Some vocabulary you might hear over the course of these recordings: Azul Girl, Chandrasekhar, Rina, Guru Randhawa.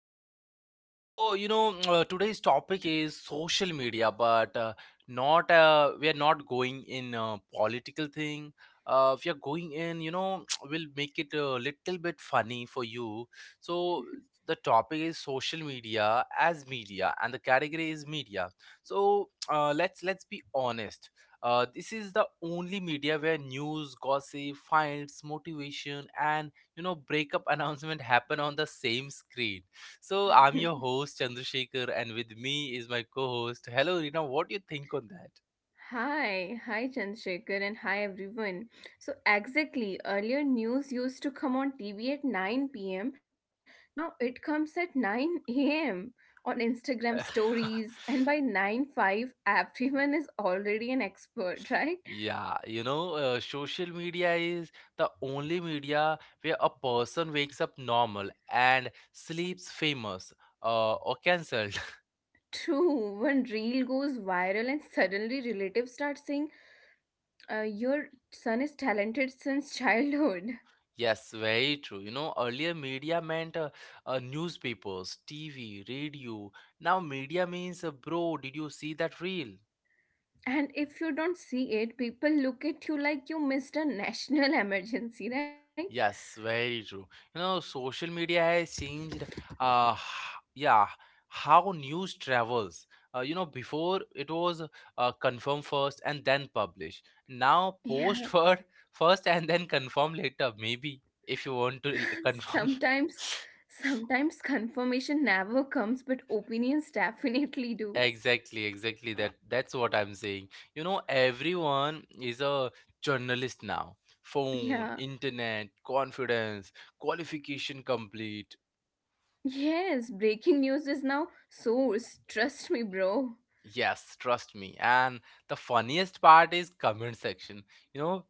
podcast. So, you know, Today's topic is social media, but not we are not going in political thing. We are going in, we'll make it a little bit funny for you. So, the topic is social media as media, and the category is media. So let's be honest. This is the only media where news, gossip, finds, motivation, and breakup announcement happen on the same screen. So I'm your host Chandrasekhar, and with me is my co-host. Hello, Rina. What do you think on that? Hi, Chandrasekhar, and hi everyone. So, exactly, earlier news used to come on TV at 9 pm. Now it comes at 9 a.m. on Instagram stories, and by nine five, everyone is already an expert, right? Yeah, social media is the only media where a person wakes up normal and sleeps famous, or cancelled. True, when reel goes viral and suddenly relatives start saying, "Your son is talented since childhood." Yes, very true. You know, earlier media meant newspapers, TV, radio. Now media means, bro, did you see that reel? And if you don't see it, people look at you like you missed a national emergency, right? Yes, very true. You know, social media has changed, h- yeah, how news travels. Before it was confirm first and then publish. Now Yeah. post for first and then confirm later, maybe if you want to confirm. Sometimes, sometimes, confirmation never comes, but opinions definitely do. Exactly, exactly. That's what I'm saying. You know, everyone is a journalist now. Phone, Yeah. internet, confidence, qualification complete. Yes, breaking news is now source. Trust me, bro. Yes, trust me. And the funniest part is comment section. You know,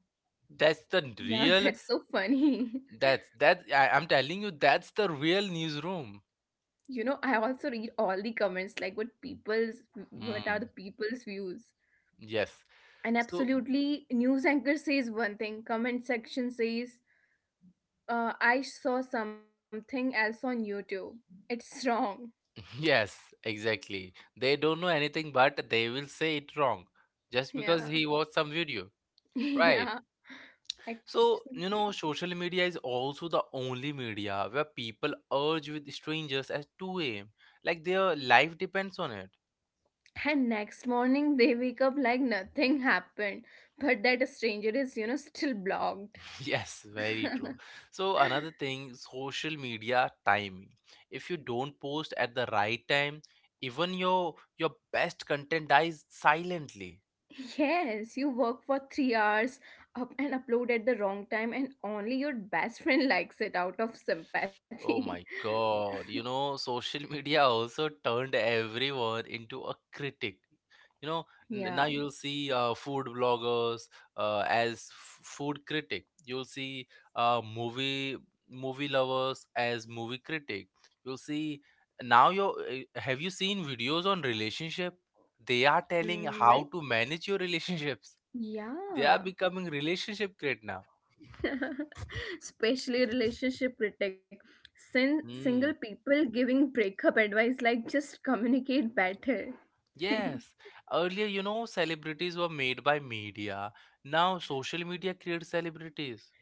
that's the Yeah, real that's so funny. that's that I, I'm telling you that's the real newsroom. You know, I also read all the comments, like what are the Hmm. people's views. Yes. And So absolutely, news anchor says one thing, comment section says. I saw something else on YouTube. It's wrong. yes, exactly. They don't know anything but they will say it wrong just because Yeah. he watched some video. Right. Yeah, So, you know, exactly. social media is also the only media where people urge with strangers at 2 a.m. Like their life depends on it. And next morning they wake up like nothing happened, but that stranger is, still blocked. Yes, very true. So, another thing, social media timing. If you don't post at the right time, even your best content dies silently. Yes, you work for 3 hours up and upload at the wrong time, and only your best friend likes it out of sympathy. Oh my God. You know, social media also turned everyone into a critic. You know, Yeah. Now you'll see food bloggers as food critic. You'll see uh, movie movie lovers as movie critic. You'll see now you Have you seen videos on relationship? They are Mm, telling like, how to manage your relationships. They yeah. are becoming relationship critic now. Especially relationship critic. Single Hmm. people giving breakup advice like just communicate better. Yes, earlier, you know, celebrities were made by media. Now social media creates celebrities.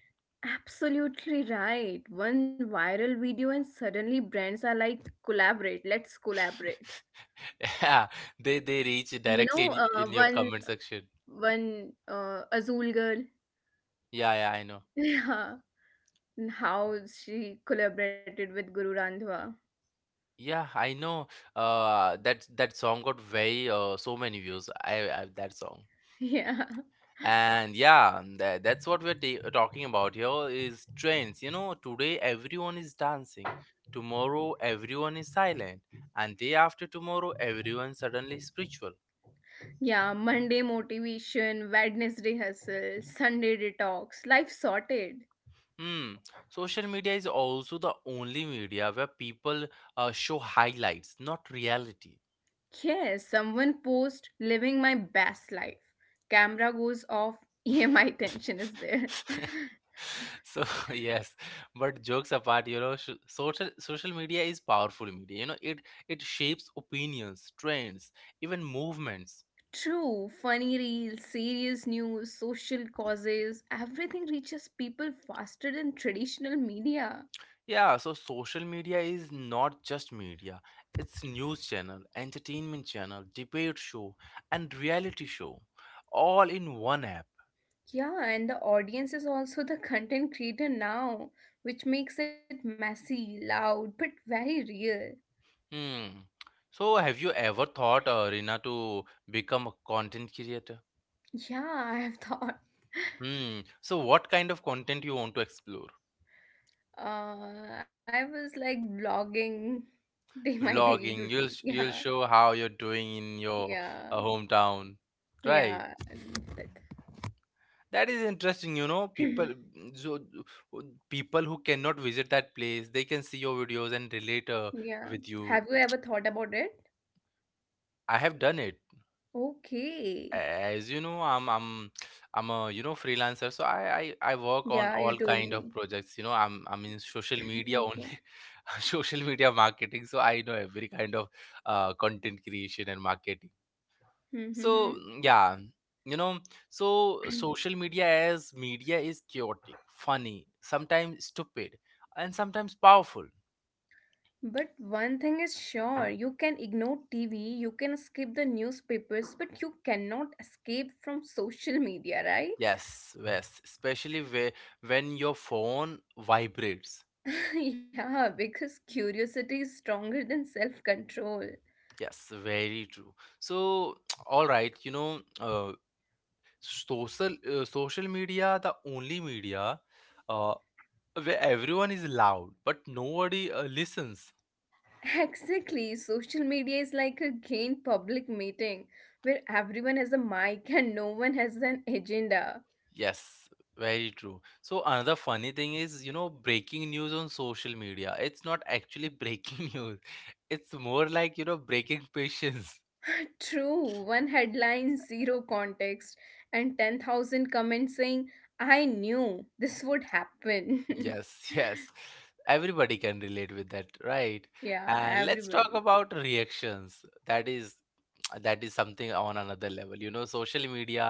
Absolutely right, one viral video, and suddenly brands are like collaborate, let's collaborate. Yeah, they reach You know, directly in your one comment section. one azul girl Yeah, yeah, I know. yeah, and how she collaborated with Guru Randhawa. Yeah, I know. That song got very so many views. I that song. yeah, And yeah, that's what we're ta talking about here is trends. You know, today everyone is dancing. Tomorrow everyone is silent, and day after tomorrow everyone suddenly spiritual. yeah. Monday motivation, Wednesday hustle, Sunday detox, life sorted. Hmm. Social media is also the only media where people show highlights, not reality. Yes, someone post living my best life. Camera goes off, EMI tension is there. So yes, but jokes apart, you know, social media is powerful media. You know, it shapes opinions, trends, even movements. True, funny reels, serious news, social causes, everything reaches people faster than traditional media. Yeah, so social media is not just media. It's news channel, entertainment channel, debate show, and reality show, all in one app. Yeah, and the audience is also the content creator now, which makes it messy, loud, but very real. Hmm. So have you ever thought, Rina, to become a content creator? Yeah, I have thought. Hmm. So what kind of content you want to explore? I was like vlogging day my daily Vlogging. Routine. You'll Yeah. show how you're doing in your Yeah, hometown, right? yeah, That is interesting. You know, people that- mm, so uh, People who cannot visit that place, they can see your videos and relate yeah. with you. Have you ever thought about it? I have done it. Okay. As you know, I'm a freelancer, so I Yeah, work you on told all me. kind of projects. You know, I'm in social media Okay. only social media marketing, so I know every kind of content creation and marketing, so Mm-hmm. Yeah, you know, so social media as media is chaotic, funny, sometimes stupid, and sometimes powerful. But one thing is sure, you can ignore TV, you can skip the newspapers, but you cannot escape from social media, right? Yes yes especially where when your phone vibrates. Yeah, because curiosity is stronger than self-control. Yes, very true. So, all right, you know, social social media, the only media uh, where everyone is loud, but nobody listens. Exactly. Social media is like a gain public meeting where everyone has a mic and no one has an agenda. Yes, very true. So another funny thing is, you know, breaking news on social media. It's not actually breaking news. It's more like, you know, breaking patience. True, one headline, zero context, and 10,000 comments saying, "I knew this would happen." Yes, yes. Everybody can relate with that, right? Yeah, And let's everybody. talk about reactions. That is something on another level. You know, social media,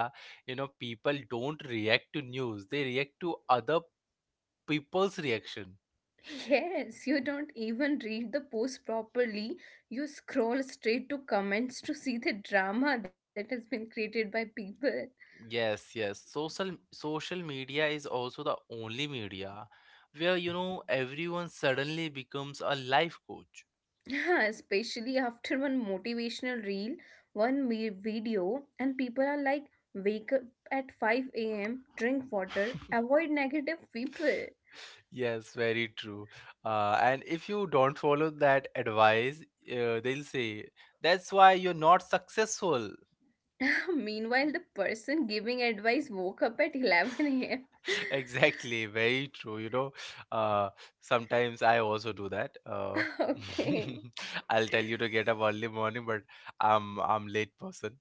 you know, people don't react to news, they react to other people's reaction. Yes, you don't even read the post properly. You scroll straight to comments to see the drama that has been created by people. Yes, yes, social media is also the only media where, you know, everyone suddenly becomes a life coach. Yeah, especially after one motivational reel, one video, and people are like, wake up at 5 a.m., drink water, avoid negative people. Yes, very true. Uh, and if you don't follow that advice, they'll say that's why you're not successful. Meanwhile, the person giving advice woke up at 11 a.m. Exactly, very true. You know, uh, sometimes I also do that. Okay. I'll tell you to get up early morning, but I'm late person.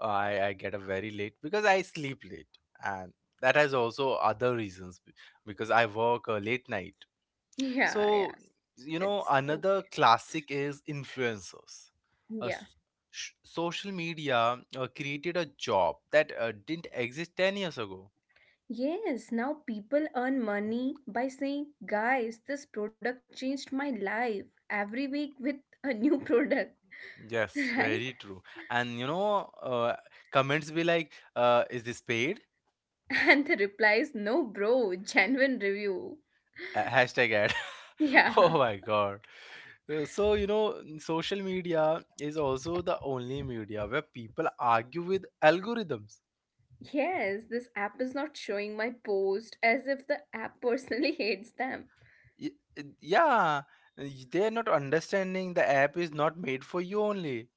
I get up very late because I sleep late, and that has also other reasons because I work late night. Yeah, yeah, So you know, it's another okay. classic is influencers. Uh, Yeah. s- Social media created a job that didn't exist 10 years ago. Yes, now people earn money by saying, guys, this product changed my life, every week with a new product, Yes, right? very true. And you know, comments be like, "Is this paid?" And the reply is no, bro, genuine review. Hashtag ad. Oh Yeah. my God. So you know, social media is also the only media where people argue with algorithms. Yes, this app is not showing my post, as if the app personally hates them. Y- Yeah, they're not understanding the app is not made for you only.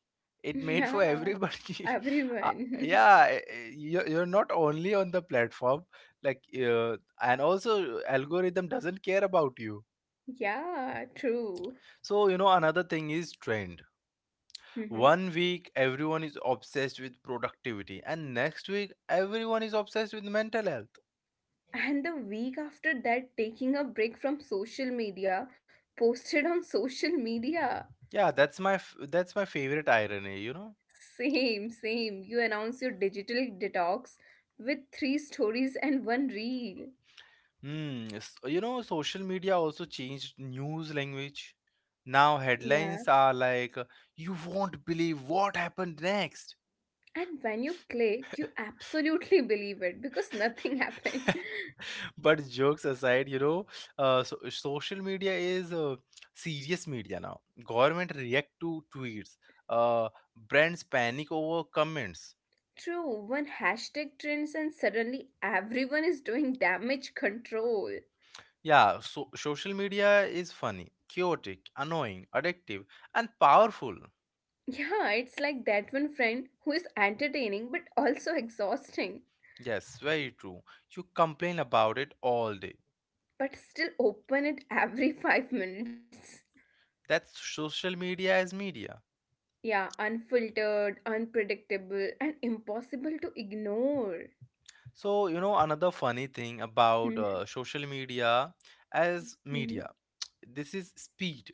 It made for Yeah, everybody. uh, everyone. you're not only on the platform, like, and also algorithm doesn't care about you. Yeah, true. So, you know, another thing is trend. Mhm. One week, everyone is obsessed with productivity, and next week, everyone is obsessed with mental health. And the week after that, taking a break from social media, posted on social media. Yeah, that's my favorite irony. You know, Same, same. You announce your digital detox with three stories and one reel. hmm. You know, social media also changed news language. Now Yeah. headlines are like, "You won't believe what happened next," And when you click, you absolutely believe it because nothing happened. but jokes aside, you know, social media is serious media now. Government react to tweets, uh, brands panic over comments. True, one hashtag trends and suddenly everyone is doing damage control. Yeah, so social media is funny, chaotic, annoying, addictive, and powerful. Yeah, it's like that one friend who is entertaining but also exhausting, Yes, very true. You complain about it all day. but still open it every 5 minutes. That's social media as media. Yeah, unfiltered, unpredictable, and impossible to ignore. So you know, another funny thing about Mhm, social media as mhm. media, this is speed.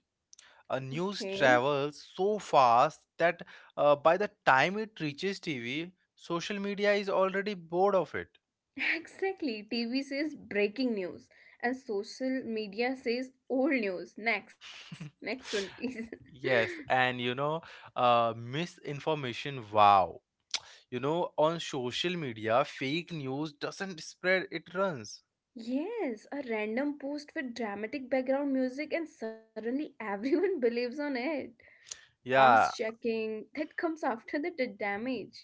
News Okay. travels so fast that by the time it reaches TV, social media is already bored of it. Exactly. TV says breaking news and social media says old news. Next. Next one, please. Yes, and you know, misinformation. Wow, you know, on social media, fake news doesn't spread; it runs. Yes, a random post with dramatic background music and suddenly everyone believes on it. Fast Yeah, checking that comes after the damage.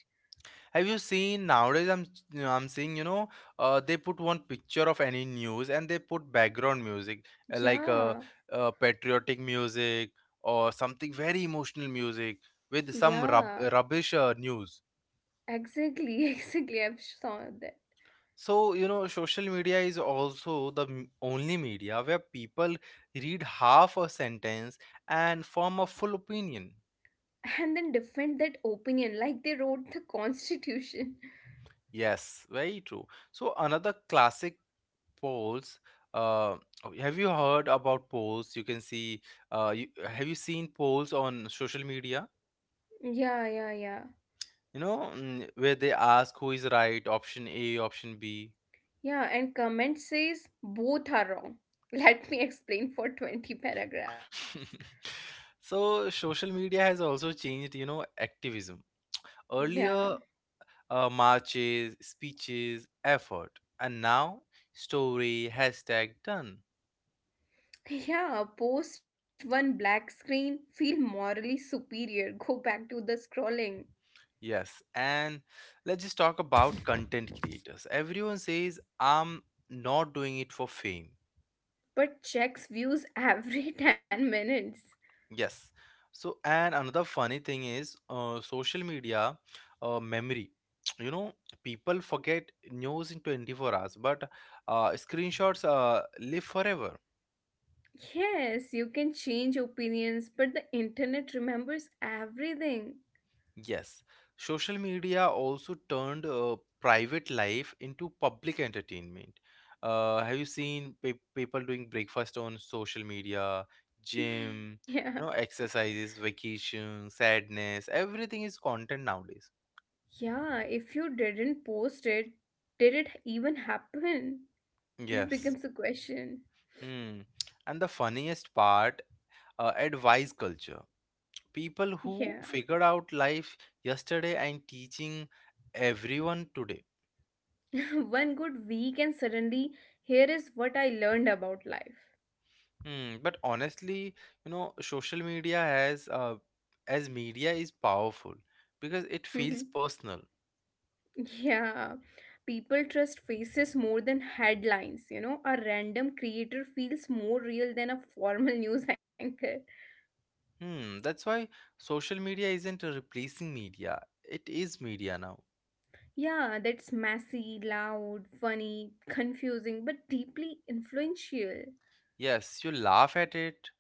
have you seen nowadays? I'm seeing, you know, they put one picture of any news and they put background music, uh, like uh, Yeah. uh, patriotic music or something very emotional music with some Yeah. rubbish news. Exactly. Exactly. I've saw that. So you know, social media is also the only media where people read half a sentence and form a full opinion. And then defend that opinion like they wrote the constitution. Yes, very true. So another classic, polls. uh oh, have you heard about polls? You can see, have you seen polls on social media, Yeah, yeah, yeah. you know, where they ask who is right, option a, option b? Yeah, and comment says both are wrong. Let me explain for 20 paragraphs. So social media has also changed, you know, activism. Yeah. Earlier, marches, speeches, effort, and now story, hashtag, done. Yeah, post one black screen, feel morally superior, go back to the scrolling, Yes, and let's just talk about content creators. Everyone says I'm not doing it for fame. but checks views every 10 minutes. Yes. So, and another funny thing is social media memory. You know, people forget news in 24 hours, but screenshots live forever. Yes, you can change opinions, but the internet remembers everything. Yes. Social media also turned private life into public entertainment. Have you seen people doing breakfast on social media, gym, Yeah. you know, exercises, vacation, sadness? Everything is content nowadays. Yeah, if you didn't post it, did it even happen? That Yes. becomes a question. Hmm. And the funniest part, advice culture. People Yeah. who figured out life yesterday and teaching everyone today. One good week, and suddenly, here is what I learned about life. Hmm. But honestly, you know, social media as media is powerful because it feels Mhm. personal. Yeah, people trust faces more than headlines. You know, a random creator feels more real than a formal news anchor. Hmm. That's why social media isn't replacing media. It is media now. Yeah, that's messy, loud, funny, confusing, but deeply influential. Yes, you laugh at it,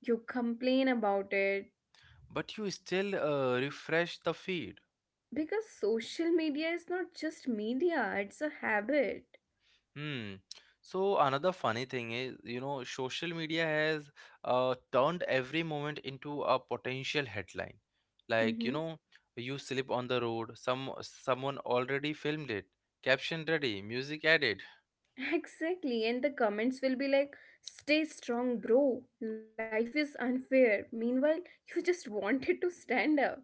You complain about it but you still refresh the feed. because social media is not just media, it's a habit. Hmm. So another funny thing is, you know, social media has turned every moment into a potential headline. Like, you know, you slip on the road, someone already filmed it, caption ready, music added. Exactly, and the comments will be like, "Stay strong, bro. Life is unfair." Meanwhile, you just wanted to stand up.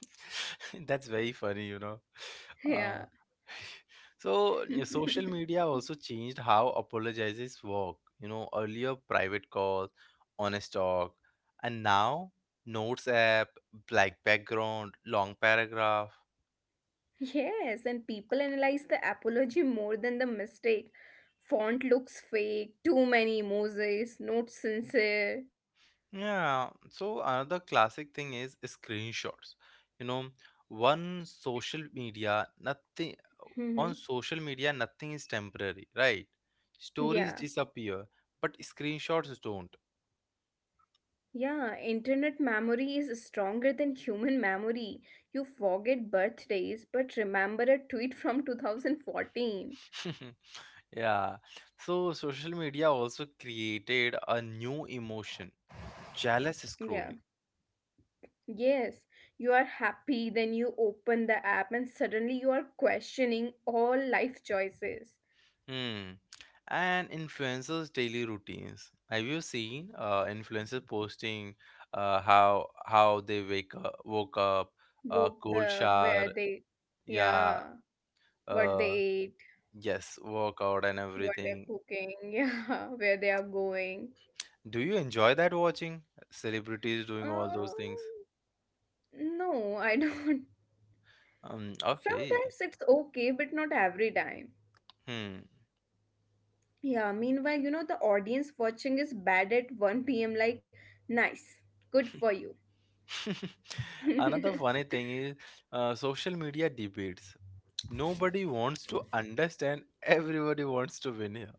That's very funny, you know. Uh, Yeah. so, social media also changed how apologizes work. You know, earlier private calls, honest talk, and now notes app, black background, long paragraph. Yes, and people analyze the apology more than the mistake. Font looks fake, too many emojis, not sincere. Yeah. So, another classic thing is screenshots. You know, one social media, nothing on Hmm. social media, nothing is temporary, right? Stories Yeah, disappear, but screenshots don't. yeah, internet memory is stronger than human memory. You forget birthdays, but remember a tweet from 2014. Yeah. So social media also created a new emotion, jealous Yeah. scrolling. Yes, you are happy, then you open the app and suddenly you are questioning all life choices. Hmm. And influencers' daily routines. Have you seen influencers posting, how they woke up, Wo- cold uh, where shower, they, yeah, yeah, what they uh, ate, yes, workout and what they're everything? cooking, yeah, where they are going. Do you enjoy that watching celebrities doing all Um, those things? no, I don't. Okay. Sometimes it's okay, but not every time. Hmm. Yeah, meanwhile, the audience watching is bad at 1 p.m. like, nice, good for you. Another funny thing is social media debates. Nobody wants to understand, everybody wants to win here.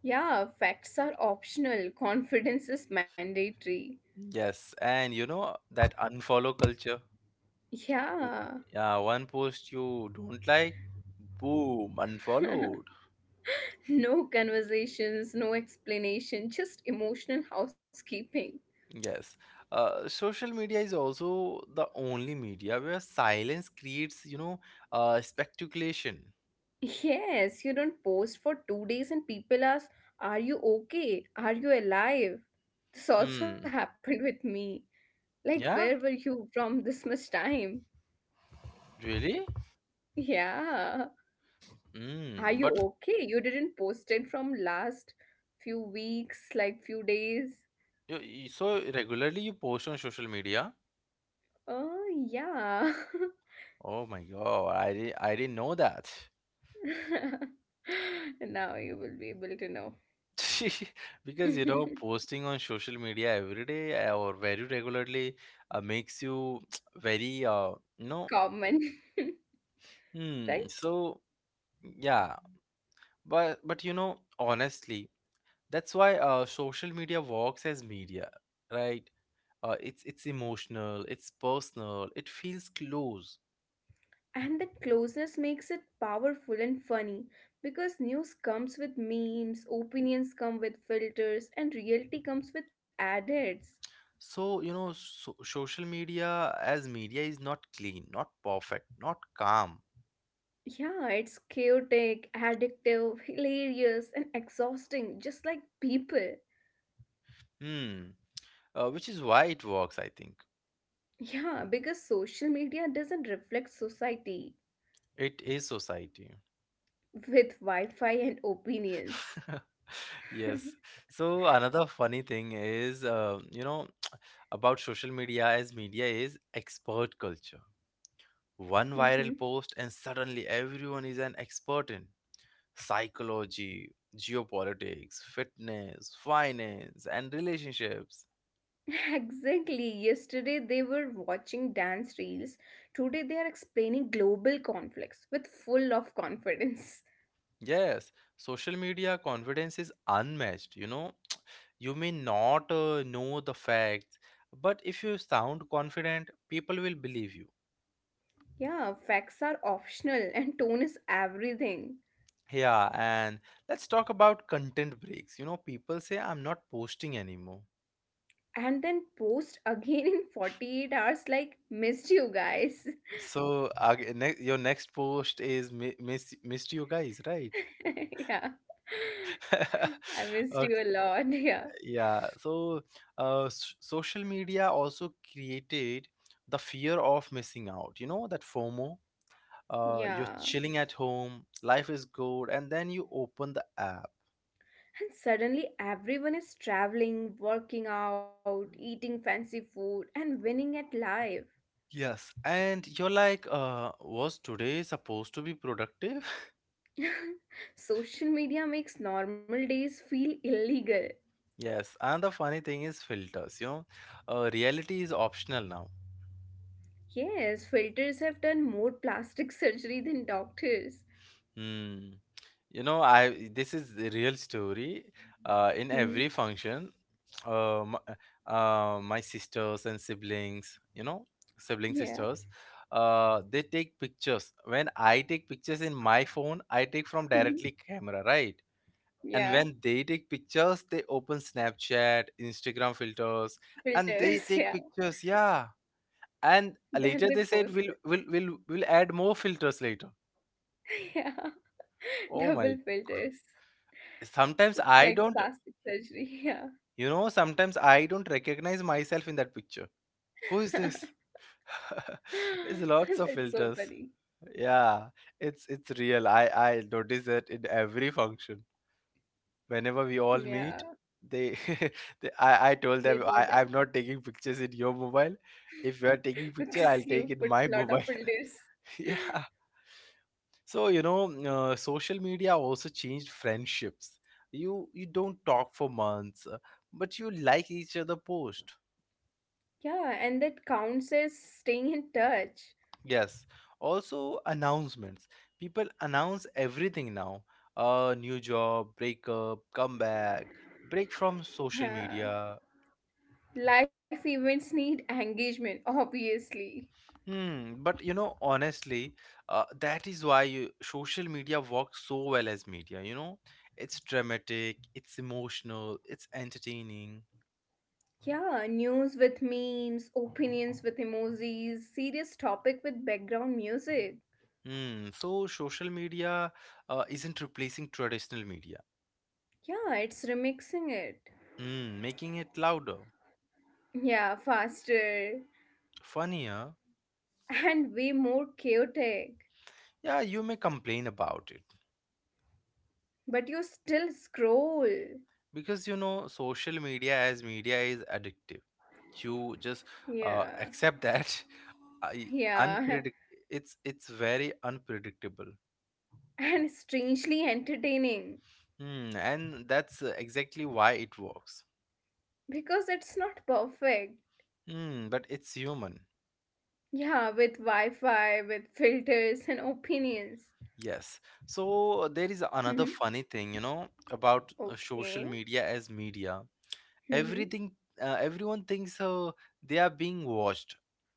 Yeah, facts are optional, confidence is mandatory. Yes, and you know that unfollow culture. W- Yeah. Yeah, one post you don't like, boom, unfollowed. No conversations, no explanation, just emotional housekeeping. Yes, social media is also the only media where silence creates, speculation. Yes, you don't post for 2 days and people ask, "Are you okay? Are you alive?" This also Hmm. happened with me. Like, where were Yeah, you from this much time? really? Yeah. Are you Mm. But okay? You didn't post it from last few weeks, like few days. So regularly you post on social media? Oh, yeah. Oh my God, I didn't know that. Now you will be able to know. Because you know, posting on social media every day or very regularly makes you very you know, Common, right? so yeah, but you know, honestly, that's why social media works as media, right? It's emotional, it's personal, it feels close. And that closeness makes it powerful and funny because news comes with memes, opinions come with filters, and reality comes with adults. So, you know, so social media as media is not clean, not perfect, not calm. Yeah, it's chaotic, addictive, hilarious, and exhausting, just like people. Hmm. Which is why it works, I think. Yeah, because social media doesn't reflect society It is society. with Wi Fi and opinions. Yes. So another funny thing is, about social media as media is expert culture. One viral post and suddenly everyone is an expert in psychology, geopolitics, fitness, finance, and relationships. Exactly. Yesterday they were watching dance reels. Today they are explaining global conflicts with full of confidence. Yes, social media confidence is unmatched. You know, you may not know the facts, but if you sound confident, people will believe you. Yeah, facts are optional and tone is everything. Yeah, and let's talk about content breaks. You know, people say I'm not posting anymore. And then post again in 48 hours like missed you guys. So, your next post is missed you guys, right? Yeah. I missed you a Okay, lot. Yeah. yeah. So, social media also created the fear of missing out. You know, that FOMO. You're Yeah. chilling at home, life is good, and then you open the app. And suddenly everyone is traveling, working out, eating fancy food and winning at life. Yes, and you're like, was today supposed to be productive? Social media makes normal days feel illegal. Yes, and the funny thing is filters, you know, reality is optional now. Yes, filters have done more plastic surgery than doctors. Hmm. You know, I this is the real story. In Mhm. every function, uh, my, my sisters and siblings, you know, sibling Yeah. sisters, they take pictures. When I take pictures in my phone, I take from directly Mhm. camera, right? And when Yeah. they take pictures, they open Snapchat, Instagram filters, and they Filters, take yeah. pictures. Yeah, and Then later they they said post we'll it. we'll we'll we'll add more filters later. Yeah. Oh my! Double filters. Sometimes It's I like don't plastic surgery. Yeah. You know, sometimes I don't recognize myself in that picture. Who is this? There's lots of That's so filters. funny. Yeah, it's real. I notice that in every function. Whenever we all meet, Yeah. they, they I told them They I do I'm that not taking pictures in your mobile. If you are taking picture, I'll because take you in my put mobile. lot of filters. Yeah. So you know, social media also changed friendships. You don't talk for months, but you like each other post. Yeah. And that counts as staying in touch. Yes. Also, announcements. People announce everything now. A new job, breakup, comeback, break from social Yeah. media. Life events need engagement, obviously. Hmm. But you know, honestly, that is why you, social media works so well as media. You know, it's dramatic, it's emotional, it's entertaining. Yeah, news with memes, opinions with emojis, serious topic with background music. Hmm. So social media isn't replacing traditional media. Yeah, it's remixing it. Hmm. Making it louder, Yeah, faster funnier. and way more chaotic. Yeah, you may complain about it But you still scroll. because you know social media as media is addictive. You just Yeah, accept that I, yeah, unpredict it's very unpredictable. and strangely entertaining Hmm, and that's exactly why it works. because it's not perfect. Hmm, but it's human. Yeah, with Wi Fi, with filters and opinions. Yes, so there is another Mhm. funny thing you know about social Okay. media as media. Mm-hmm. Everything Everyone thinks they are being watched.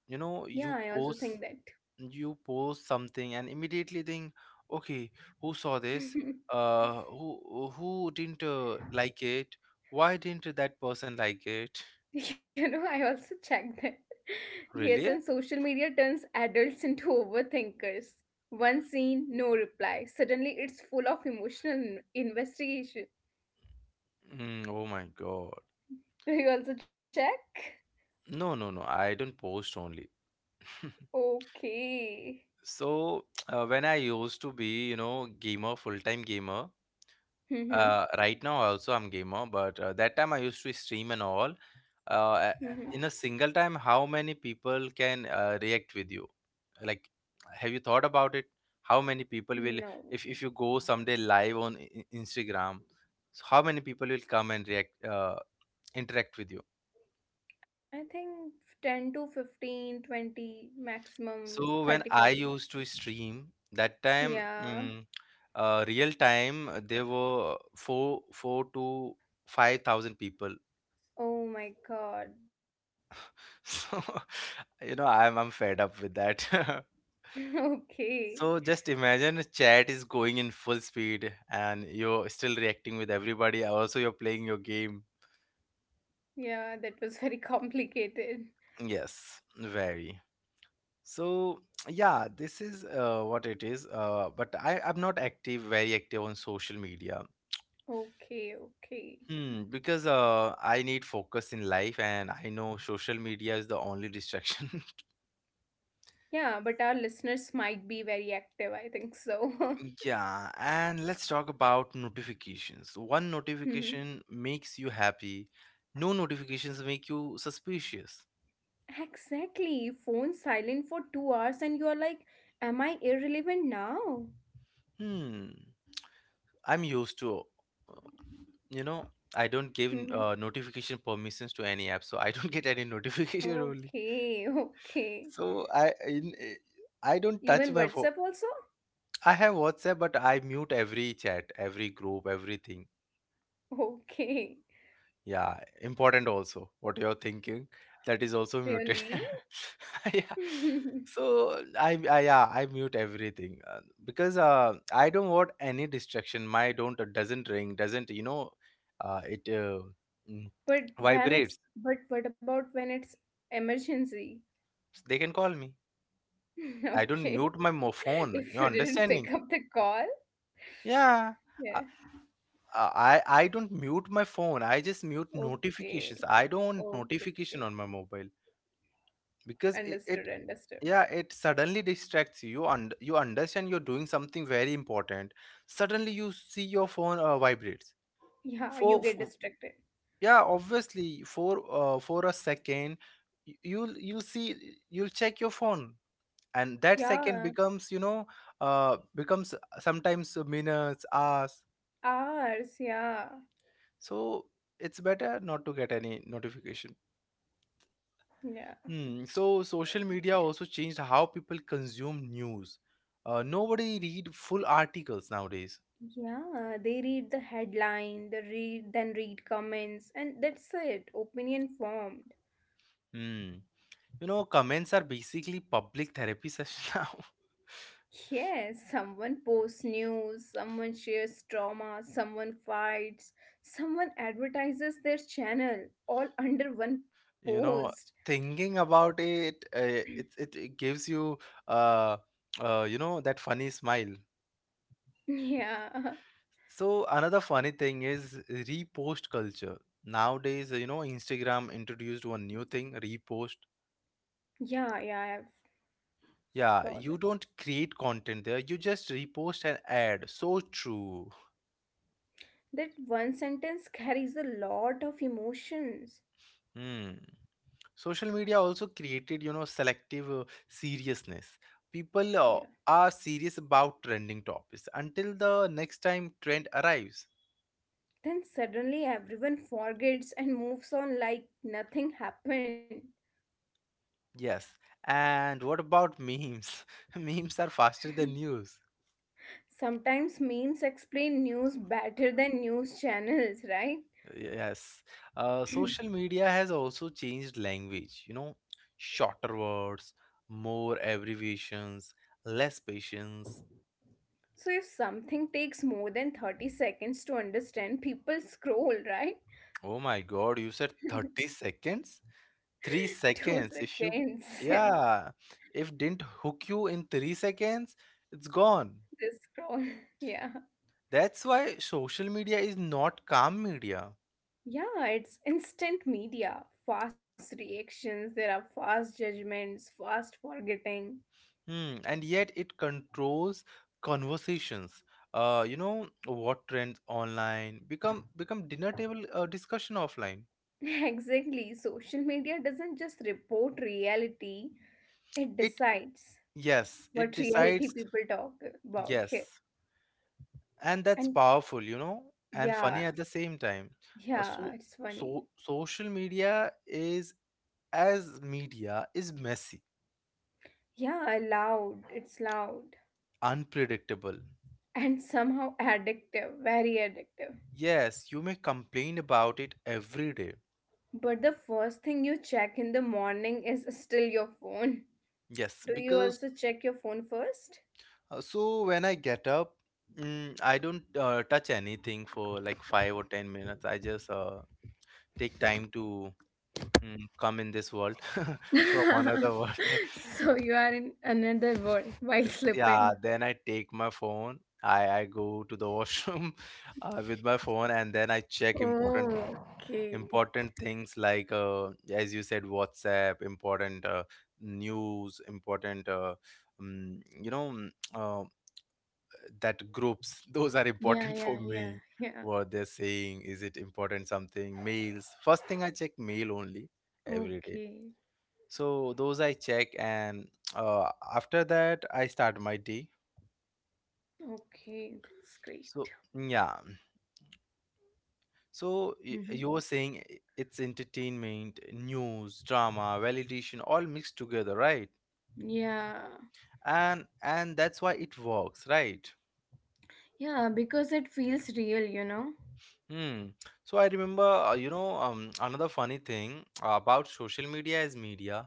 You know, Yeah, I also think you post something and immediately think, okay, who saw this, that. Who didn't like it, why didn't that person like it? You know, I also check that. Yes, Really? and social media turns adults into overthinkers. One scene, no reply. Suddenly, it's full of emotional investigation. Oh my god. Do you also check? No, I don't post only. Okay. So when I used to be, you know, gamer full time gamer, Mm-hmm. Right now also I'm gamer, but that time I used to stream and all. Mm-hmm. uh, in a single time, how many people can react with you? Like, have you thought about it? How many people will No. If you go someday live on Instagram, so how many people will come and react, interact with you? I think 10 to 15, 20 maximum So 30, when I 40. used to stream that time, Yeah. Real time, there were 4 to 5,000 people. Oh my god. So, you know, I'm fed up with that. Okay. So just imagine a chat is going in full speed and you're still reacting with everybody. Also, you're playing your game. Yeah, that was very complicated. Yes, very. So yeah, this is what it is. But I, I'm not active, very active on social media. Okay, okay. Hmm, because I need focus in life, and I know social media is the only distraction. Yeah, but our listeners might be very active, I think so. Yeah, and let's talk about notifications. One Mhm. notification makes you happy, no notifications make you suspicious. Exactly. Phone silent for 2 hours, and you are like, "Am I irrelevant now?" Hmm, I'm used to, uh, you know, I don't give Mhm. Notification permissions to any app, so I don't get any notification only. Okay, okay. So I don't Even touch my phone. WhatsApp also? I have WhatsApp, but I mute every chat, every group, everything. Okay. Yeah, important also. What you're thinking, that is also muted. Really? Yeah, so I yeah, I mute everything because I don't want any distraction. My don't Doesn't ring, doesn't, you know, uh, it uh, mm, vibrates. But what about when it's emergency? They can call me. I don't Okay. mute my phone, If you you didn't understanding? pick up the call. Yeah, I, Yeah. I don't mute my phone. I just mute notifications. Okay. I don't want Okay. notification on my mobile because Understood. it, Understood. yeah, it suddenly distracts you, and you understand you're doing something very important, suddenly you see your phone vibrates. Yeah, you for get f- distracted. yeah, obviously for a second you'll see, you'll check your phone, and that Yeah. second becomes, you know, becomes sometimes minutes, hours. Hours. Yeah. So it's better not to get any notification. Yeah. Hmm. So social media also changed how people consume news. Nobody read full articles nowadays. Yeah, they read the headline, they read then read comments, and that's it. Opinion formed. Hmm. You know, comments are basically public therapy session now. Yes, someone posts news, someone shares trauma, someone fights, someone advertises their channel, all under one You post. know, thinking about it, it gives you uh, you know, that funny smile. Yeah, So another funny thing is repost culture. Nowadays, you know, Instagram introduced one new thing, repost. yeah, yeah, I've Yeah, saw that. you don't create content there, you just repost and add. So true. That one sentence carries a lot of emotions. Hmm. Social media also created, you know, selective seriousness. People Yeah. are serious about trending topics until the next time trend arrives. Then suddenly everyone forgets and moves on like nothing happened. Yes. And what about memes? Memes are faster than news. Sometimes memes explain news better than news channels, right? Yes. Social media has also changed language, you know. Shorter words, more abbreviations, less patience. So if something takes more than 30 seconds to understand, people scroll, right? Oh my god, you said 30 seconds? 3 2 seconds, if you. seconds. Yeah. Yeah, if didn't hook you in 3 seconds, it's gone. They scroll. Yeah. That's why social media is not calm media. Yeah, it's instant media. Fast reactions, there are fast judgments, fast forgetting. Hmm. And yet it controls conversations. uh you know what trends online become, become dinner table discussion offline. Exactly. Social media doesn't just report reality, it It decides Yes, it what decides. reality people talk about here. Yes. And that's And powerful, you know, and funny yeah, at the same time. Uh, yeah, so it's funny. so Social media is, as media is messy, Yeah, loud, it's loud. unpredictable. And somehow addictive, very addictive. Yes, you may complain about it every day. But the first thing you check in the morning is still your phone. Yes, Do you because also check your phone first? So when I get up, I don't touch anything for like 5 or 10 minutes. I just take time to come in this world from another world. So you are in another world while Yes, yeah, sleeping. then I take my phone. I go to the washroom with my phone and then I check important Oh, okay. important things like as you said, WhatsApp important, news important, um, you know mm, uh, that groups those are Yeah, important for yeah, yeah, me, yeah. what they're saying, is it important? Something, mails, first thing I check mail only, every day. Okay, So those I check, and uh, after that I start my day. okay, that's great. So yeah, so Hmm. you were saying it's entertainment, news, drama, validation, all mixed together, right? Yeah, And that's why it works, right? yeah, because it feels real, you know? Hmm. So I remember, another funny thing about social media is media,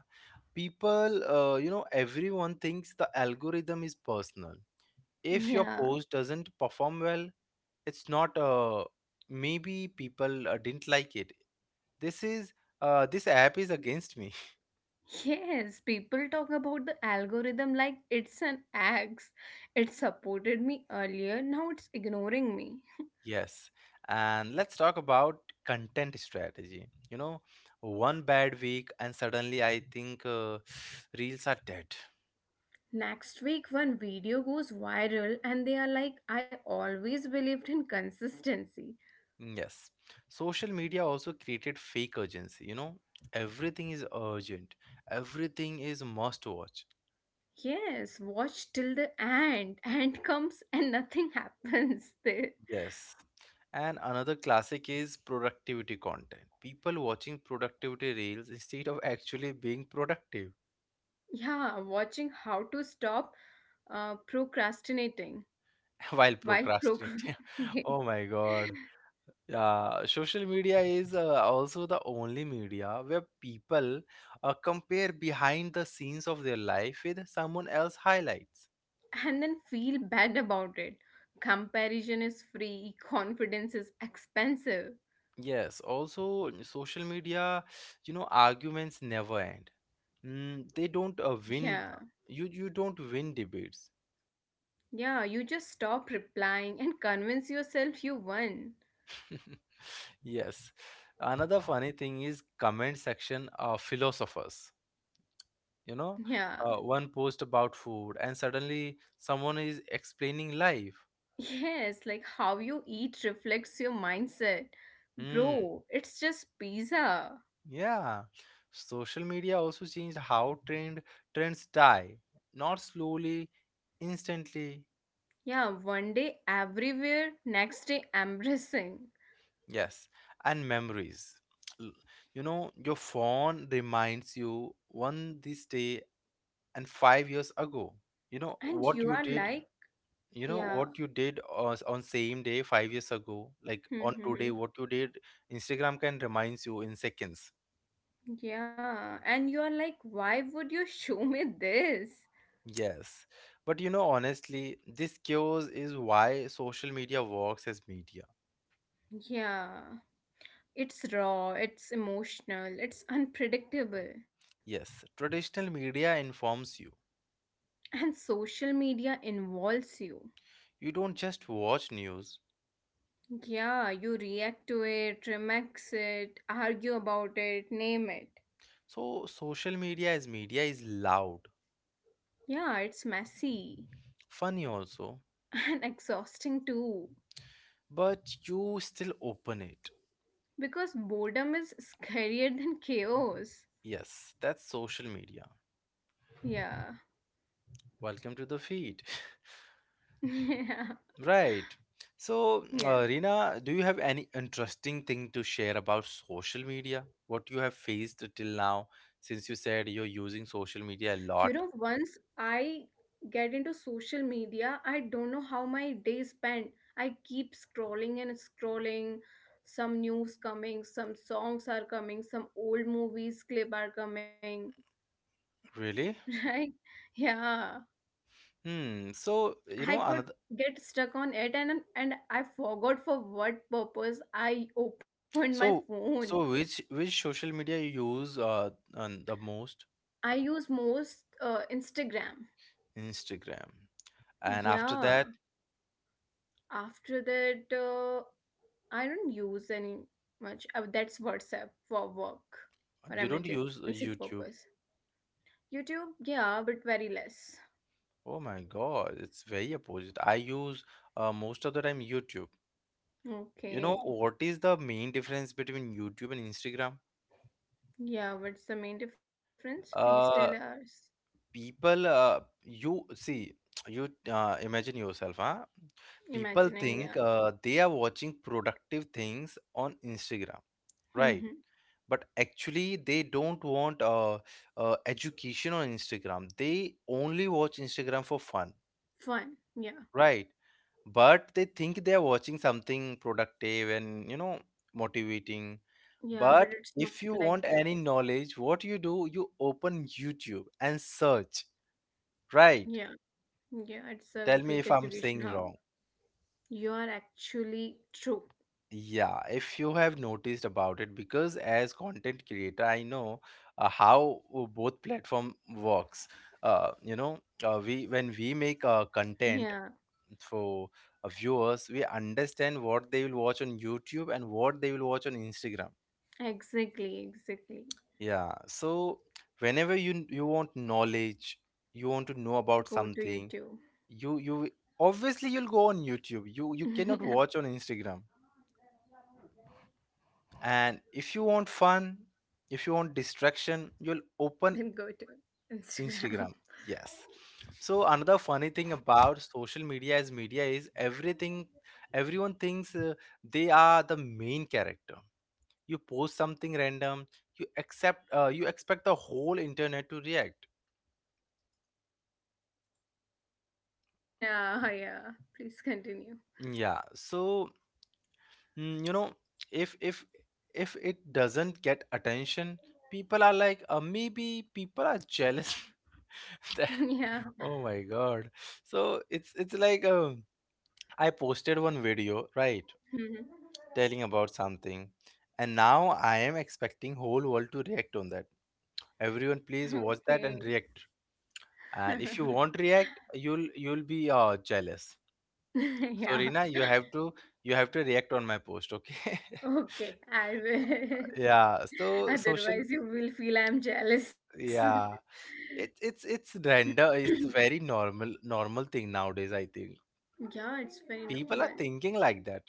people everyone thinks the algorithm is personal. If your Yeah. post doesn't perform well, it's not, maybe people didn't like it, this is, this app is against me. Yes, people talk about the algorithm like it's an axe. It supported me earlier, now it's ignoring me. Yes. And let's talk about content strategy. You know, one bad week, and suddenly I think reels are dead. Next week, one video goes viral, and they are like, I always believed in consistency. Yes. Social media also created fake urgency. You know, everything is urgent, everything is must watch. Yes, watch till the end. End comes and nothing happens there. Yes. And another classic is productivity content. People watching productivity reels instead of actually being productive Yeah, watching how to stop procrastinating while while procrastinating. procrastinating. Oh my God. Yeah, social media is also the only media where people compare behind the scenes of their life with someone else highlights. And then feel bad about it. Comparison is free, confidence is expensive. Yes, also social media, you know, arguments never end. Mm, they don't Yeah, win. You don't win debates. yeah, you just stop replying and convince yourself you won. Yes. Another funny thing is comment section philosophers. You know, Yeah. One post about food and suddenly someone is explaining life. Yes, like how you eat reflects your mindset. Hmm. Bro, it's just pizza. Yeah, social media also changed how trends die, not slowly, instantly. Yeah, one day everywhere, next day embracing. Yes, and memories. L- You know, your phone reminds you one this day and 5 years ago. You know And what you you are did. like, You know yeah. what you did on same day 5 years ago. Like on today, what you did, Instagram can reminds you in seconds. Yeah. And you are like, why would you show me this? Yes. But you know, honestly, this chaos is why social media works as media. Yeah. It's raw, it's emotional, it's unpredictable. Yes, traditional media informs you. And social media involves you. You don't just watch news. Yeah, you react to it, remix it, argue about it, name it. So, social media as media is loud, Yeah, it's messy funny also, and exhausting too. but you still open it. Because boredom is scarier than chaos. Yes, that's social media. Yeah. Welcome to the feed. Yeah. Right. So, Yeah. Rina, do you have any interesting thing to share about social media? What you have faced till now, since you said you're using social media a You know, lot. once I get into social media, I don't know how my day spent. I keep scrolling and scrolling. Some news coming, some songs are coming, some old movies clip are coming. Really? Right? Yeah. Hmm. So, you I know, could another. get stuck on it and I forgot for what purpose I opened my So, phone. so which social media you use the most? I use most Instagram. Instagram. And after Yeah. that, After that, I don't use any much. That's WhatsApp for work you or don't use emergency YouTube? purpose. YouTube, yeah, but very less. Oh my God, it's very opposite. I use most of the time YouTube. You know what Okay. is the main difference between YouTube and Instagram? Yeah, what's the main difference? Please tell Uh, us. People, you see, you imagine yourself, huh? People think Imagining, yeah. They are watching productive things on Instagram, right? Mm-hmm. But actually, they don't want education on Instagram. They only watch Instagram for fun. Fun, yeah. Right. But they think they are watching something productive and, you know, motivating. Yeah, But but it's if you not want like any that. knowledge, what you do, you open YouTube and search. Right. Yeah, yeah, it's Tell a me if great I'm saying education wrong. hub. You are actually true. Yeah, if you have noticed about it, because as content creator, I know how both platform works. You know, we when we make content, Yeah, for viewers we understand what they will watch on YouTube and what they will watch on Instagram. exactly, exactly. Yeah, so whenever you want knowledge, you want to know about Go to something, YouTube. you obviously you'll go on YouTube. You cannot Yeah, watch on Instagram. And if you want fun, if you want distraction, you'll then open go to Instagram. Instagram. Yes, so another funny thing about social media as media is everything, everyone thinks they are the main character. You post something random, you accept you expect the whole internet to react. Yeah, yeah. Please continue. Yeah, so you know, if if if it doesn't get attention, people are like maybe people are jealous. That- Yeah. Oh my god. So it's like I posted one video, right, Mhm. telling about something, and now I am expecting whole world to react on that. Everyone please watch Okay. that and react. And if you won't react, you'll be jealous. So Yeah. Rina, you have to react on my post, okay? Okay, I will. Yeah, so social, Otherwise, you will feel I'm jealous. yeah it, it's render it's very normal thing nowadays, I think. Yeah, it's very People are normal. thinking like that.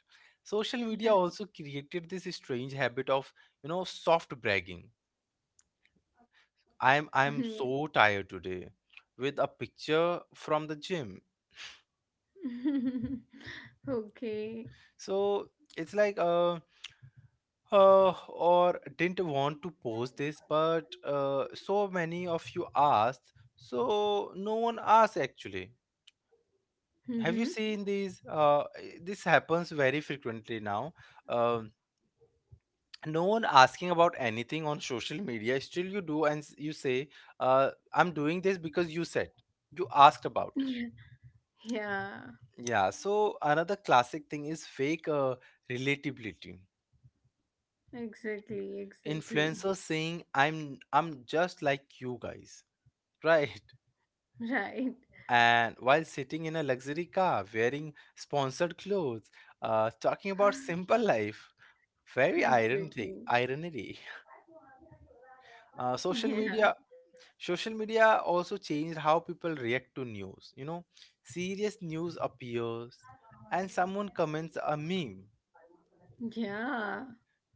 Social media Yeah. also created this strange habit of, you know, soft bragging. I'm Yeah. I'm so tired today with a picture from the gym. Okay. So it's like or didn't want to post this, but so many of you asked, so no one asked actually. Have you Mm-hmm. seen these? This happens very frequently now. Um, no one asking about anything on social media. Still, you do and you say, "I'm doing this because you said you asked Yeah. about it." Yeah, Yeah. So another classic thing is fake relatability. exactly, exactly. Influencers saying, "I'm just like you guys." Right. Right. And while sitting in a luxury car wearing sponsored clothes, talking about simple life. Very Exactly. ironic irony. Social Yeah. media, social media also changed how people react to news, you know. Serious news appears and someone comments a meme. Yeah.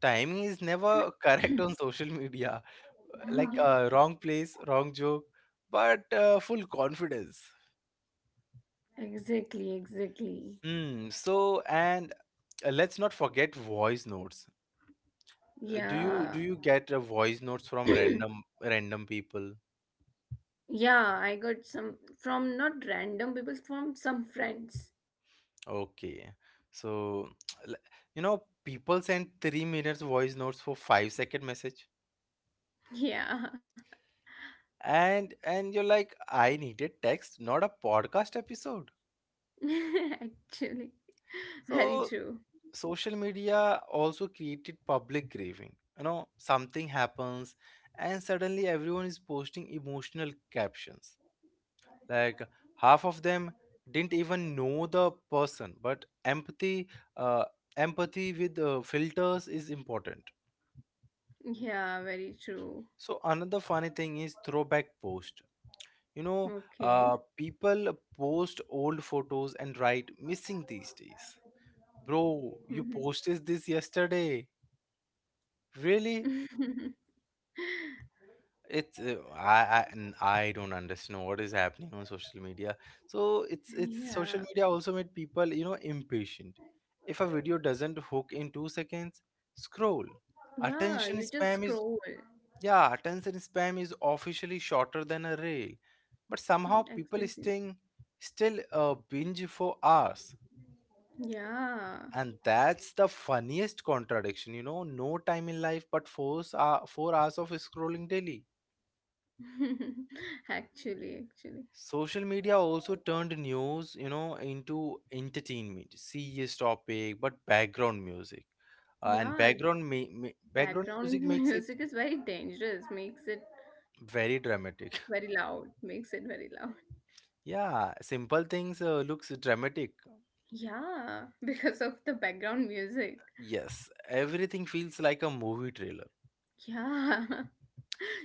Timing is never correct on social media. Like Yeah. Wrong place, wrong joke, but full confidence. Exactly, exactly. Hmm. So and let's not forget voice notes. Do Yeah. you do you get voice notes from random random people? Yeah, I got some from not random people, from some friends. Okay. So, l- you know, people send 3 minutes voice notes for 5-second message. Yeah. And you're like, I needed text, not a podcast episode. Actually. Very true. So, social media also created public grieving. You know, something happens and suddenly everyone is posting emotional captions, like half of them didn't even know the person, but empathy, uh, empathy with filters is important. Yeah, very true. So another funny thing is throwback post. You know, Okay. People post old photos and write missing these days. Bro, Mhm. you posted this yesterday, really? It's I and I don't understand what is happening on social media. So Yeah. it's social media also made people, you know, impatient. If a video doesn't hook in 2 seconds, scroll. Yeah, Attention you just spam is, scroll. yeah, attention spam is officially shorter than a rail, but Mm, somehow exactly. people staying still binge for hours, Yeah. and that's the funniest contradiction. You know, no time in life, but four hours of scrolling daily. Actually, actually. Social media also turned news, you know, into entertainment. Serious topic, but background music. And Yeah, background background music makes it music is very dangerous. Makes it very very dramatic. loud. Makes it very loud. Yeah, simple things looks dramatic. Yeah, because of the background music. Yes, everything feels like a movie trailer. Yeah.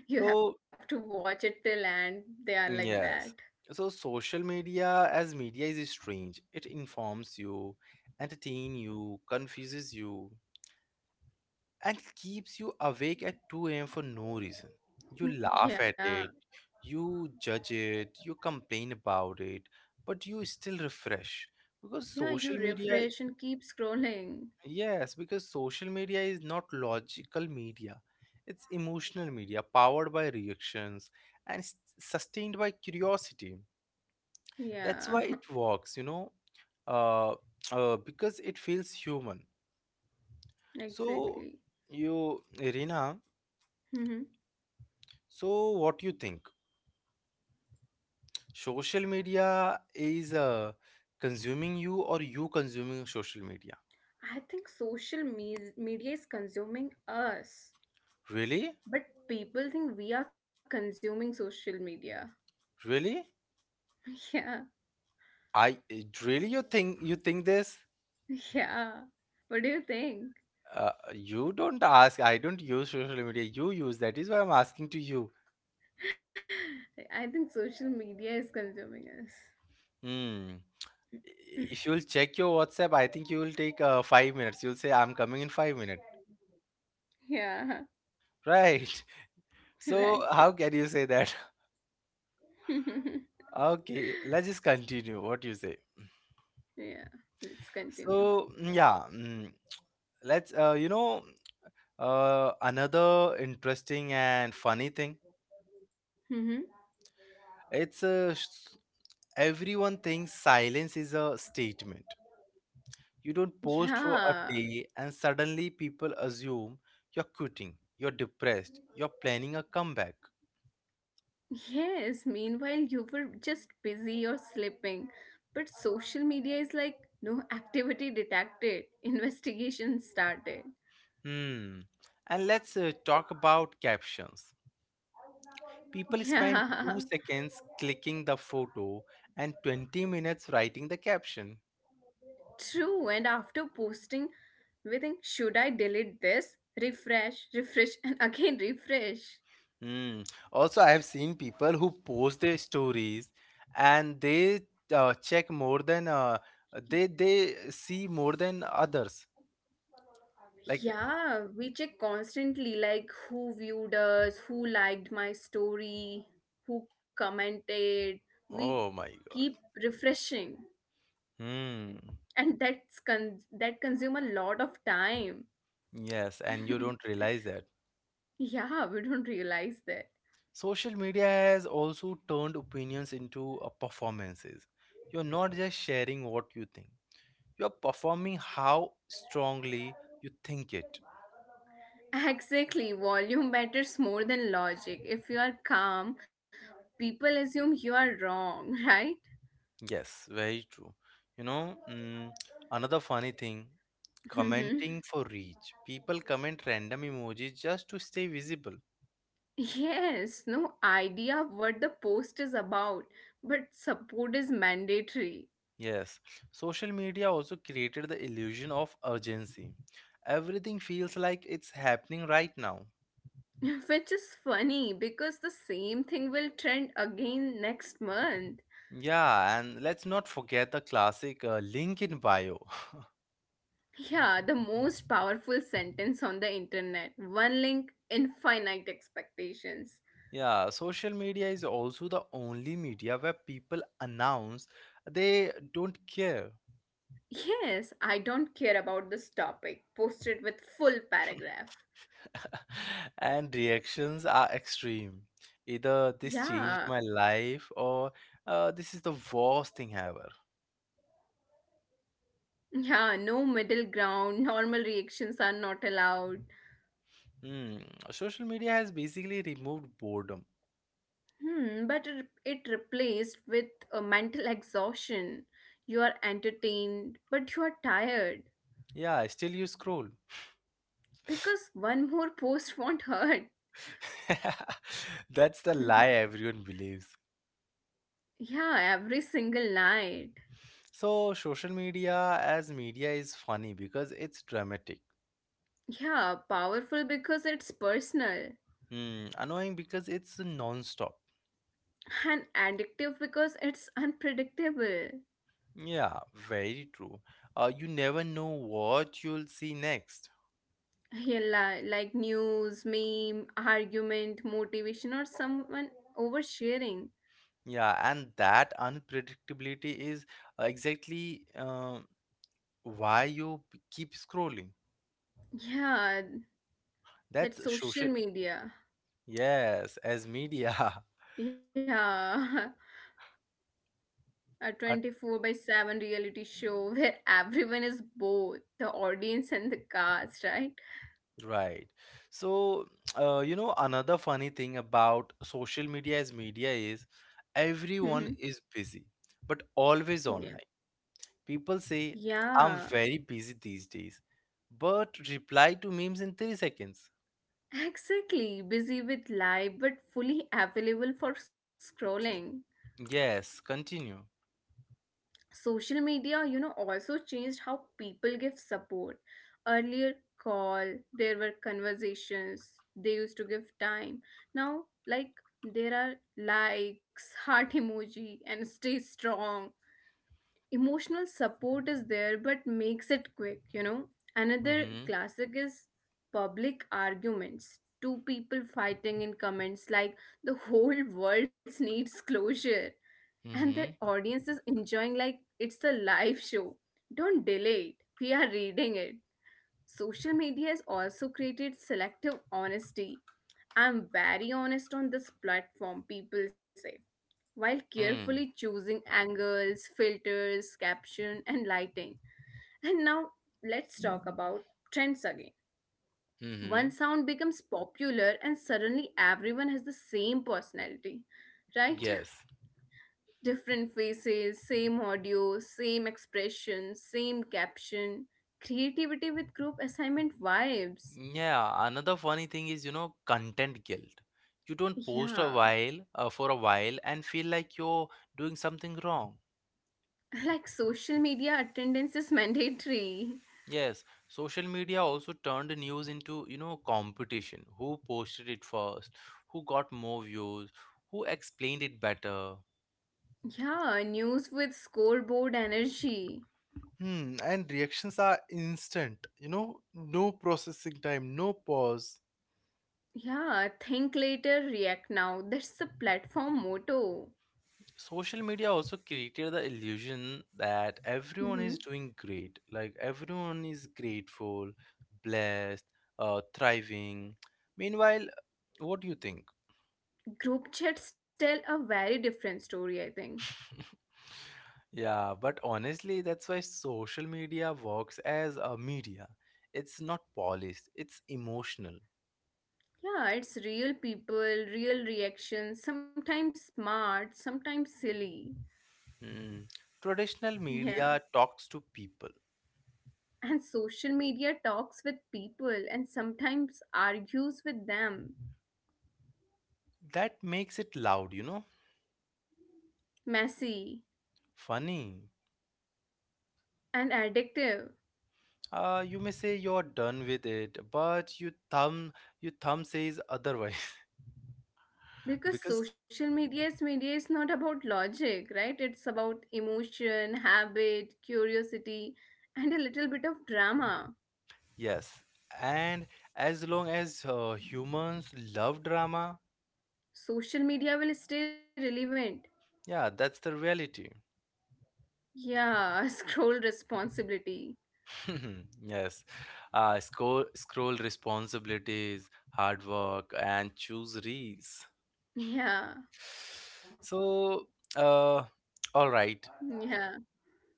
You have to So, watch it till end. They are like that. yes. So social media as media is strange. It informs you, entertain you, confuses you, and keeps you awake at 2 a.m. for no reason. You laugh at Yeah. it, you judge it, you complain about it, but you still refresh because Yeah, you social media, refresh and keep scrolling. yes, because social media is not logical media, it's emotional media powered by reactions and sustained by curiosity. That's Yeah. why it works, you know, uh, because it feels human. So, Exactly. you, Irina, Hmm. so what you think? Social media is consuming you or you consuming social media? I think media is consuming us, Really? but people think we are consuming social media. Really? I Really, you think, this? Yeah, yeah. What do you think? You don't ask. I don't use social media. You use. That is why I'm asking to you. I think social media is consuming us. Hmm. If you'll check your WhatsApp, I think you will take 5 minutes. You'll say, "I'm coming in 5 minutes." Yeah, Right. So right. how can you say that? Okay. Let's just continue. What you say? Yeah, let's continue. So yeah. Let's you know, another interesting and funny thing, Hmm. it's everyone thinks silence is a statement. You don't post for a Yeah. day and suddenly people assume you're quitting, you're depressed, you're planning a comeback. Yes, meanwhile, you were just busy or sleeping. But social media is like no activity detected, investigation started. Hmm. And let's talk about captions. People spend Yeah, 2 seconds clicking the photo and 20 minutes writing the caption. true. And after posting, we think, should I delete this? Refresh, refresh, and again refresh. Hmm. Also, I have seen people who post their stories and they check more than they see more than others. Like, Yeah, we check constantly like who viewed us, who liked my story, who commented. We oh my keep God. refreshing. Hmm. And that consume a lot of time. Yes, and you don't realize that. Yeah, we don't realize that. Social media has also turned opinions into performances. You're not just sharing what you think. You're performing how strongly you think it. Exactly, volume matters more than logic. If you are calm, people assume you are wrong, right? Yes, very true. You know, another funny thing, Hmm. commenting for reach. People comment random emojis just to stay visible. Yes, no idea of what the post is about, but support is mandatory. Yes, social media also created the illusion of urgency. Everything feels like it's happening right now. Which is funny because the same thing will trend again next month. Yeah, and let's not forget the classic link in bio. Yeah, the most powerful sentence on the internet. One link, infinite expectations. Yeah, social media is also the only media where people announce they don't care. Yes, I don't care about this topic. Post it with full paragraph. And reactions are extreme. Either this changed Yeah, my life or this is the worst thing ever. yeah, no middle ground. Normal reactions are not allowed. Hmm. Social media has basically removed boredom. Hmm, but it replaced with a mental exhaustion. You are entertained, but you are tired Yeah, still you scroll. because one more post won't hurt. That's the lie everyone believes. Yeah, every single night. So, social media as media is funny because it's dramatic. Yeah, powerful because it's personal, Hmm. Annoying because it's non stop. and addictive because it's unpredictable. Yeah, very true. You never know what you'll see next. Yeah, like news, meme, argument, motivation, or someone oversharing. Yeah, and that unpredictability is exactly why you keep scrolling. Yeah, That's that social. social media. Yes, as media. Yeah, a Uh, 24/7 reality show where everyone is both the audience and the cast, right? Right. So, you know, another funny thing about social media as media is everyone is busy, but always Yeah. online. People say, I'm Yeah. very busy these days, but reply to memes in 3 seconds. Exactly, busy with life but fully available for scrolling. Yes, continue. Social media, you know, also changed how people give support. Earlier, call, there were conversations, they used to give time. Now, like, there are likes, heart emoji, and stay strong. Emotional support is there, but makes it quick, you know? Another Mm-hmm. classic is public arguments. Two people fighting in comments like the whole world needs closure, and their Mm-hmm. audience is enjoying like it's a live show. Don't delay it, we are reading it. Social media has also created selective honesty. I'm very honest on this platform, people say, while carefully mm. choosing angles, filters, caption, and lighting. And now let's talk about trends again. One Mm-hmm. sound becomes popular, and suddenly everyone has the same personality, right? Yes. Different faces, same audio, same expression, same caption. Creativity with group assignment vibes. Yeah, another funny thing is, you know, content guilt. You don't post a Yeah, while for a while and feel like you're doing something wrong. like social media attendance is mandatory. Yes, social media also turned news into, you know, competition. Who posted it first? Who got more views? Who explained it better? Yeah, news with scoreboard energy. Hmm, and reactions are instant, you know, no processing time, no pause. Yeah, think later, react now. That's the platform motto. Social media also created the illusion that everyone is Hmm. doing great, like everyone is grateful, blessed, thriving, meanwhile, what do you think? Group chats tell a very different story, I think. Yeah, but honestly, that's why social media works as a media. It's not polished, it's emotional. Yeah, it's real people, real reactions, sometimes smart, sometimes silly. Hmm. Traditional Yeah. media talks to people. And social media talks with people and sometimes argues with them. That makes it loud, you know, Messy funny. and addictive. You may say you're done with it, but your thumb, your thumb says otherwise. Because Because, social media is not about logic, right? It's about emotion, habit, curiosity, and a little bit of drama. yes. And as long as humans love drama, Social media will stay relevant. yeah, that's the reality. Yeah, scroll responsibility. Yes. Scroll responsibilities, hard work, and choose reels. Yeah, So, uh, all right. yeah,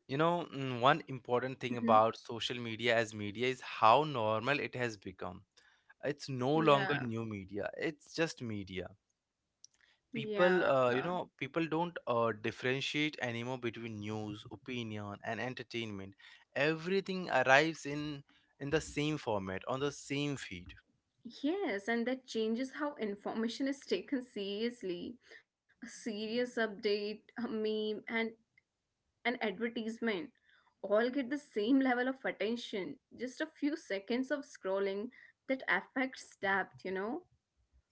You know, one mhm. important thing about social media as media is how normal it has become. It's no Yeah, longer new media, it's just media. People, yeah. You know, people don't differentiate anymore between news, opinion, and entertainment. Everything arrives in the same format, on the same feed. Yes, and that changes how information is taken seriously. A serious update, a meme, and an advertisement all get the same level of attention. Just a few seconds of scrolling that affects depth, you know?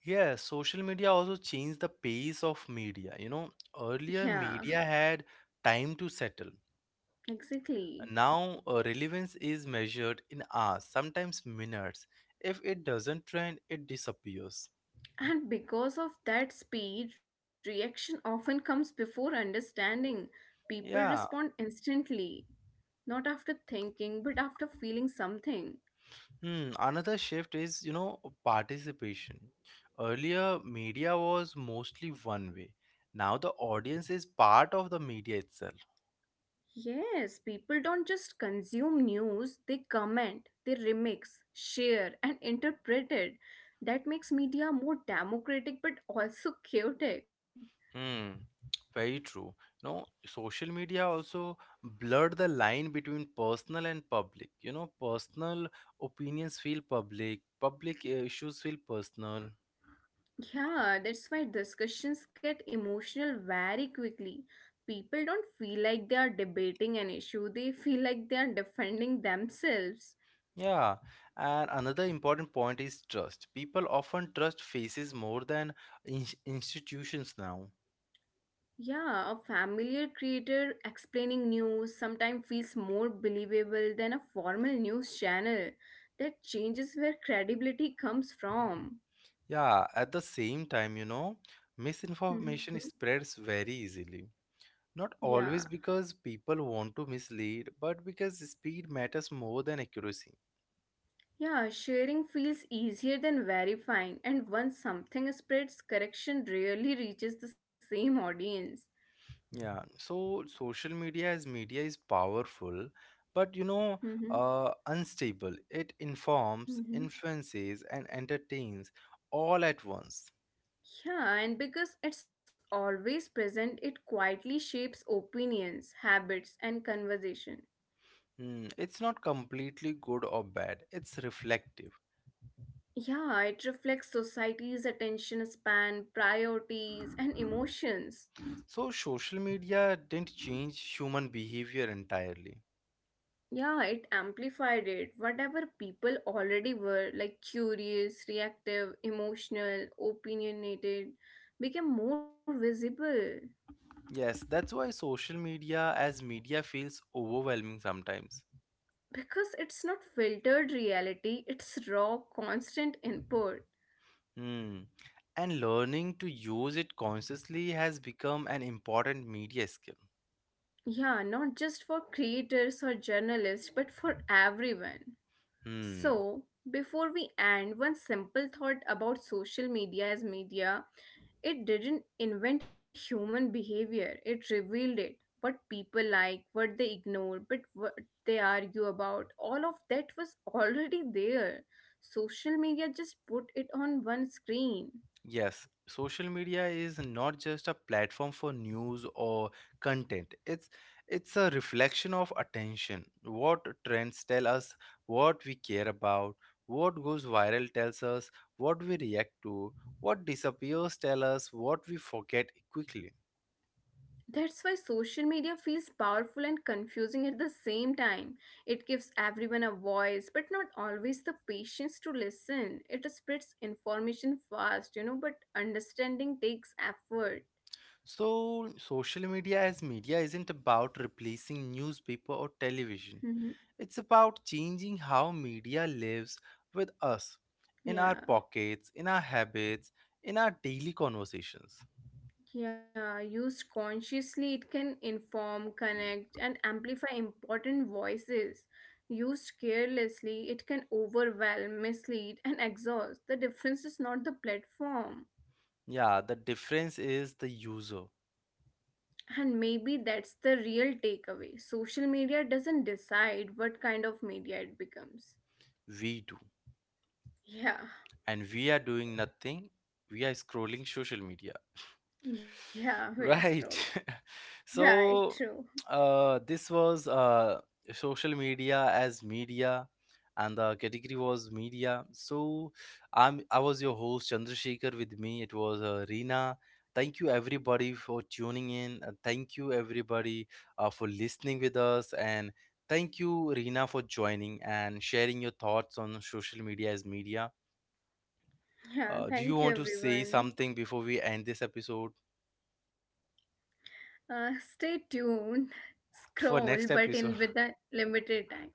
Yeah, social media also changed the pace of media. You know, Yeah, earlier media had time to settle. exactly. Now, relevance is measured in hours, sometimes minutes. If it doesn't trend, it disappears. And because of that speed, reaction often comes before understanding. People Yeah. respond instantly, not after thinking, but after feeling something. Hmm. Another shift is, you know, participation. Earlier, media was mostly one way. Now, the audience is part of the media itself. Yes, people don't just consume news, they comment, they remix, share, and interpret it. That makes media more democratic but also chaotic. Hmm. Very true. You know, social media also blurred the line between personal and public. You know, personal opinions feel public, public issues feel personal. Yeah, that's why discussions get emotional very quickly. People don't feel like they are debating an issue, they feel like they are defending themselves. Yeah, and another important point is trust. People often trust faces more than institutions now. Yeah, a familiar creator explaining news sometimes feels more believable than a formal news channel. That changes where credibility comes from. Yeah, at the same time, you know, Mhm. misinformation spreads very easily. Not Yeah. always because people want to mislead, but because speed matters more than accuracy. Yeah, sharing feels easier than verifying, and once something spreads, correction rarely reaches the same audience. Yeah, so social media as media is powerful, but you know, Mhm. Unstable. It informs, Mhm. influences, and entertains all at once. Yeah, and because it's always present, it quietly shapes opinions, habits, and conversation. Hmm, it's not completely good or bad, it's reflective. Yeah, it reflects society's attention span, priorities, and emotions. So, social media didn't change human behavior entirely. Yeah, it amplified it. Whatever people already were, like curious, reactive, emotional, opinionated, became more visible. Yes, that's why social media as media feels overwhelming sometimes. Because it's not filtered reality, it's raw, constant input. Hmm. And learning to use it consciously has become an important media skill. Yeah, not just for creators or journalists, but for everyone. Hmm. So, before we end, one simple thought about social media as media: it didn't invent human behavior, it revealed it. What people like, what they ignore, but what they argue about, all of that was already there. Social media just put it on one screen. Yes, social media is not just a platform for news or content. It's a reflection of attention. What trends tell us what we care about, what goes viral tells us what we react to, what disappears tell us what we forget quickly. That's why social media feels powerful and confusing at the same time. It gives everyone a voice, but not always the patience to listen. It spreads information fast, you know, but understanding takes effort. So social media as media isn't about replacing newspaper or television. Mhm. It's about changing how media lives with us, in our Yeah. pockets, in our habits, in our daily conversations. Yeah, used consciously, it can inform, connect, and amplify important voices. Used carelessly, it can overwhelm, mislead, and exhaust. The difference is not the platform. Yeah, the difference is the user. And maybe that's the real takeaway. Social media doesn't decide what kind of media it becomes. We do. Yeah, And we are doing nothing. We are scrolling social media. yeah, we are Right. scrolling. Right, So, true. This was social media as media, and the category was media. So, I was your host Chandrasekhar. With me, it was Reena. Thank you everybody for tuning in, and thank you everybody for listening with us, and thank you Reena for joining and sharing your thoughts on social media as media. Yeah, Do you thank you want to say everyone. something before we end this episode Stay tuned, for scroll, next but in episode? with a limited time.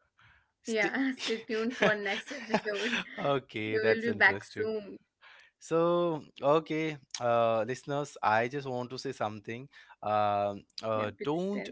Sti- Yeah, stay tuned for next episode. okay, We will that's be back interesting. soon. So, okay, listeners, I just want to say something. Yeah, please tell. Don't,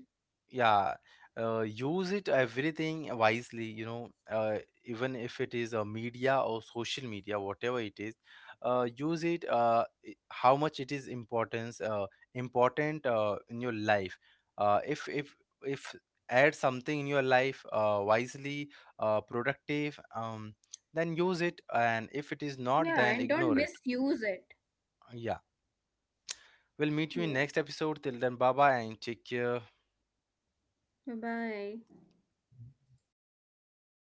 yeah, use it everything wisely, you know, even if it is a media or social media, whatever it is, use it how much it is importance, important in your life. Uh, if, if, if add something in your life wisely, productive, then use it, and if it is not, Yeah, then and don't ignore it. misuse it. Yeah. We'll meet you in Yeah, next episode. Till then, bye bye and take care. bye bye.